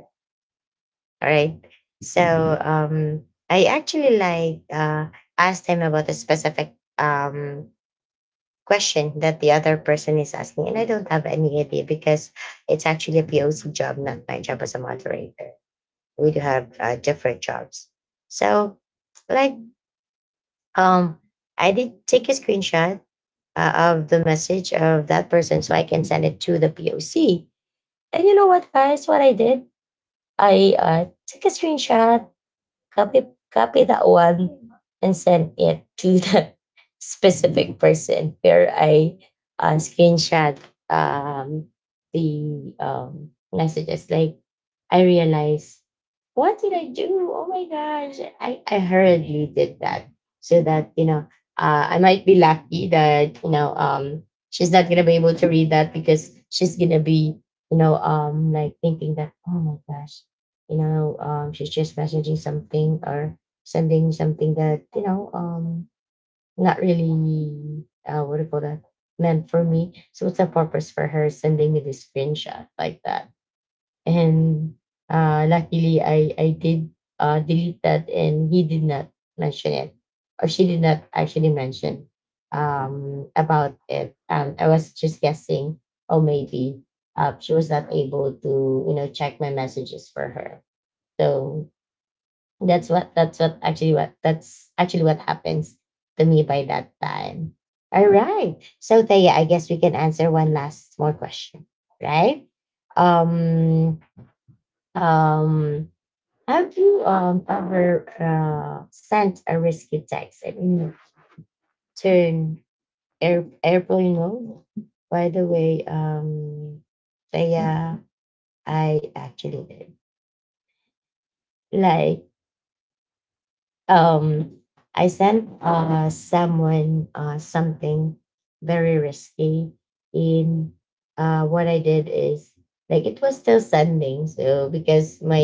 All right. So, um I actually like, uh asked him about a specific um question that the other person is asking and I don't have any idea because it's actually a P O C job, not my job as a moderator. We do have, uh, different jobs. So, like, um I did take a screenshot, uh, of the message of that person so I can send it to the P O C. And you know what, guys? What I did, I, uh, took a screenshot, copy copy that one and send it to the specific person where I, uh, screenshot um, the um, messages. Like I realized, what did I do? Oh my gosh! I I hurriedly did that so that, you know, uh, I might be lucky that, you know, um, she's not gonna be able to read that because she's gonna be, you know, um like thinking that oh my gosh, you know, um, she's just messaging something or sending something that, you know, um, not really, uh, what do you call that, meant for me. So what's the purpose for her sending me this screenshot like that? And, uh, luckily I I did, uh, delete that and he did not mention it, or she did not actually mention, um, about it. um, I was just guessing, oh maybe, uh, she was not able to, you know, check my messages for her. So that's what that's what actually what that's actually what happens to me by that time. All right. So Thea, I guess we can answer one last more question, right? Um um have you, um ever, uh, sent a risky text and you turn air, airplane mode? By the way, um Thea, I actually did. Like um I sent uh someone uh something very risky in uh what I did is like it was still sending so because my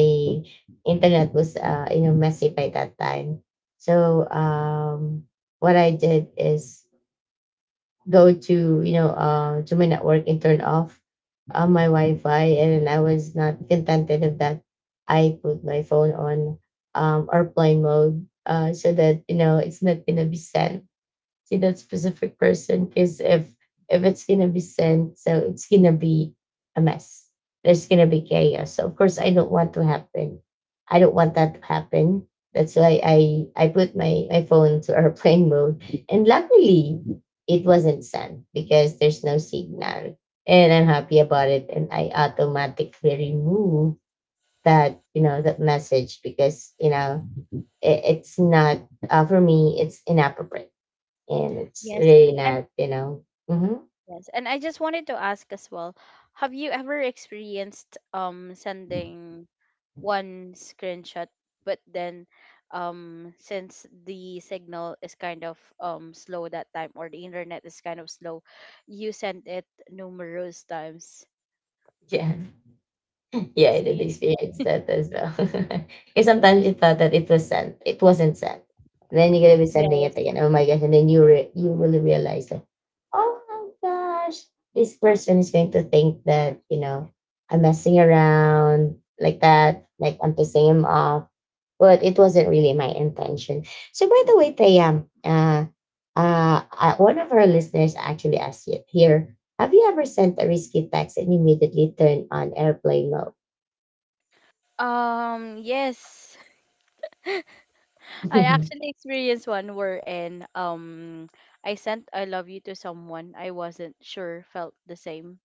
internet was uh you know messy by that time so um what I did is go to you know uh, to my network and turn off uh, my Wi-Fi, and I was not contented of that. I put my phone on um, airplane mode uh, so that you know it's not gonna be sent to that specific person because if if it's gonna be sent, so it's gonna be a mess. There's gonna be chaos. So of course I don't want to happen. I don't want that to happen. That's why I I put my, my phone to airplane mode. And luckily it wasn't sent because there's no signal. And I'm happy about it. And I automatically remove that, you know, that message because, you know, it, it's not uh, for me, it's inappropriate and it's Yes. really And not, you know. Mhm. yes, and I just wanted to ask as well, have you ever experienced um sending one screenshot, but then, um since the signal is kind of um slow that time, or the internet is kind of slow, you send it numerous times. Yeah, yeah, I did See, experience that as well. Because sometimes you thought that it was sent, it wasn't sent. Then you're gonna be sending it yes. again. Oh my gosh! And then you re- you will realize that, oh my gosh, this person is going to think that you know I'm messing around like that, like I'm pissing him off. But it wasn't really my intention. So by the way, Tayam, uh, uh, uh, one of our listeners actually asked it here. Have you ever sent a risky text and immediately turned on airplane mode? Um, yes. I actually experienced one wherein um I sent I love you to someone I wasn't sure felt the same.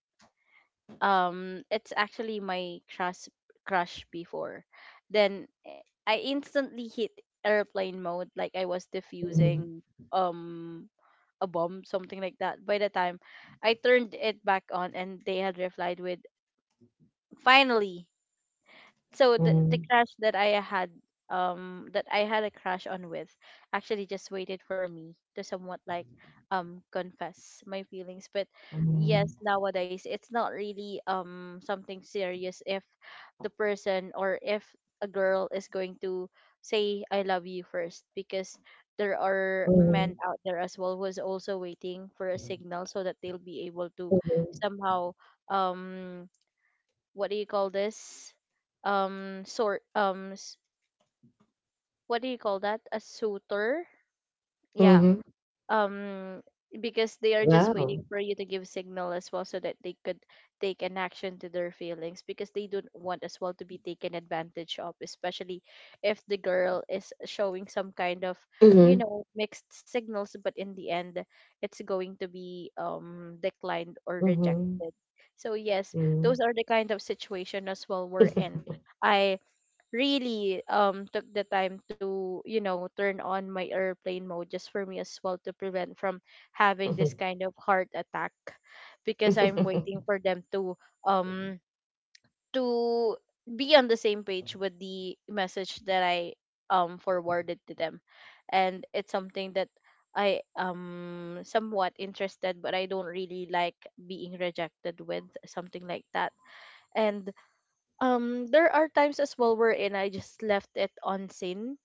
Um, it's actually my crush crush before. Then eh, I instantly hit airplane mode like I was Mhm, diffusing um a bomb, something like that. By the time I turned it back on, and they had replied with finally. So the the mhm, crush that I had, um that I had a crush on with, actually just waited for me to somewhat like um confess my feelings. But yes, mhm, nowadays it's not really um something serious if the person, or if a girl is going to say I love you first, because there are mhm, men out there as well who is also waiting for a signal so that they'll be able to mhm, somehow, um what do you call this, um sort um s- what do you call that, a suitor, yeah, mhm. um because they are just Wow. waiting for you to give signal as well so that they could take an action to their feelings, because they don't want as well to be taken advantage of, especially if the girl is showing some kind of, you Mhm, know, mixed signals, but in the end it's going to be um declined or mhm, rejected. So yes, those mhm. are the kind of situation as well we're in. I really um took the time to, you know, turn on my airplane mode just for me as well to prevent from having this kind of heart attack, because I'm waiting for them to um to be on the same page with the message that I um forwarded to them. And it's something that I um somewhat interested, but I don't really like being rejected with something like that. And um, there are times as well wherein I just left it on scene,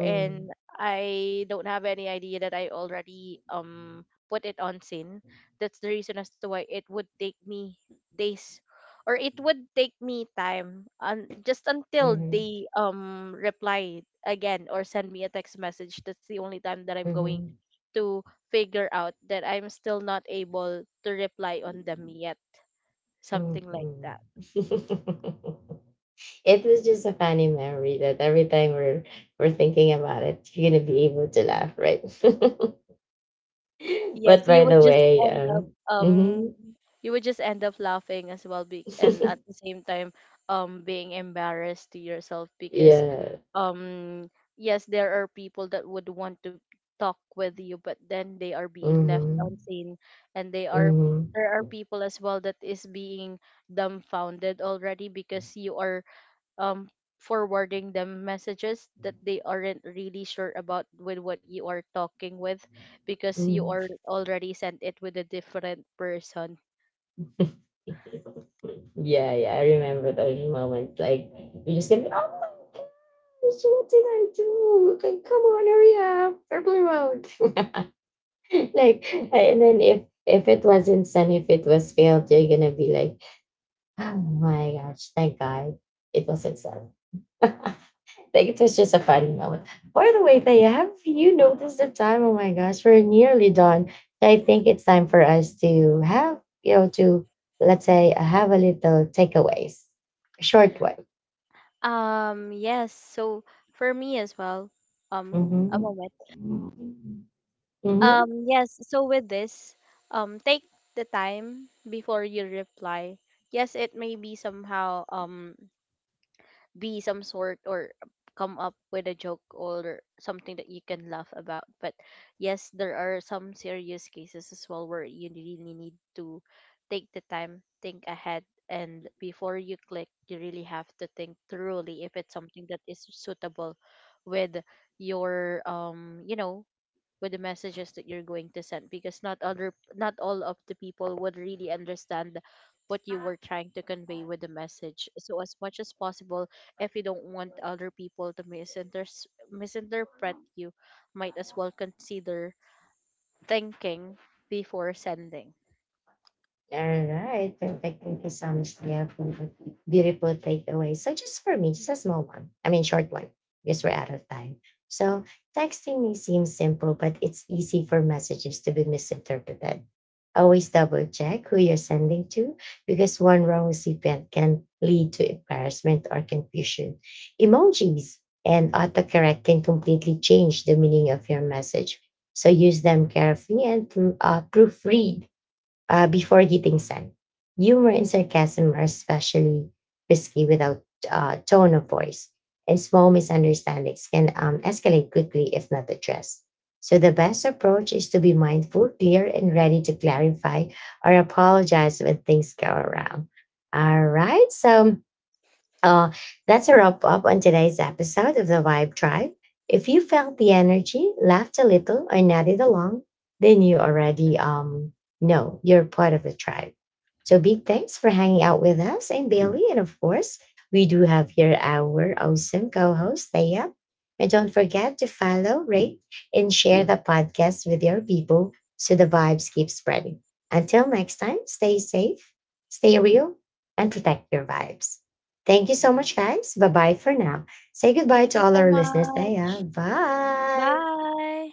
Mm, I don't have any idea that I already um put it on scene. That's the reason as to why it would take me days, or it would take me time, un- just until mhm, they um reply again or send me a text message. That's the only time that I'm going mhm, to figure out that I'm still not able to reply on them yet. Something like mhm, that. mhm. It was just a funny memory that every time we're we're thinking about it, you're gonna be able to laugh, right? Yes, But you by would the just way, end up, um, um mhm. you would just end up laughing as well, be- and at the same time um being embarrassed to yourself, because Yeah. um yes, there are people that would want to talk with you, but then they are being left Mhm. unseen, and they are, Mhm. there are people as well that is being dumbfounded already because you are um forwarding them messages that they aren't really sure about with what you are talking with, because you Mhm. are already sent it with a different person. Yeah, yeah, I remember those moments. Like you just gonna be, oh my gosh, what did I do? Okay, come on, hurry up, purple road. Like, and then if if it wasn't sun, if it was failed, you're gonna be like, oh my gosh, thank God, it wasn't sun. Like it was just a fun moment. By the way, they have you noticed the time? Oh my gosh, we're nearly done. I think it's time for us to have, you know, to let's say uh, have a little takeaways, a short one. Um, yes, so for me as well, um, a Mm-hmm. moment. Mm-hmm. Um, yes, so with this, um, take the time before you reply. Yes, it may be somehow, um, be some sort, or come up with a joke or something that you can laugh about. But yes, there are some serious cases as well where you really need to take the time, think ahead, and before you click, you really have to think thoroughly if it's something that is suitable with your, um you know, with the messages that you're going to send, because not other not all of the people would really understand what you were trying to convey with the message. So as much as possible, if you don't want other people to misinter- misinterpret you, might as well consider thinking before sending. All right, perfect. Thank you so much, Leah, for the beautiful takeaway. So just for me, just a small one. I mean, short one, because we're out of time. So texting may seem simple, but it's easy for messages to be misinterpreted. Always double check who you're sending to because one wrong recipient can lead to embarrassment or confusion. Emojis and autocorrect can completely change the meaning of your message. So use them carefully and uh, proofread uh, before hitting send. Humor and sarcasm are especially risky without uh, tone of voice, and small misunderstandings can um, escalate quickly if not addressed. So, the best approach is to be mindful, clear, and ready to clarify or apologize when things go wrong. All right. So, uh, that's a wrap up on today's episode of the Vibe Tribe. If you felt the energy, laughed a little, or nodded along, then you already um, know you're part of the tribe. So big thanks for hanging out with us and Bailey. And of course, we do have here our awesome co-host, Thea. And don't forget to follow, rate, and share the podcast with your people so the vibes keep spreading. Until next time, stay safe, stay real, and protect your vibes. Thank you so much, guys. Bye bye for now. Say goodbye Thank to you all so our listeners. Taya. much. Bye. Bye.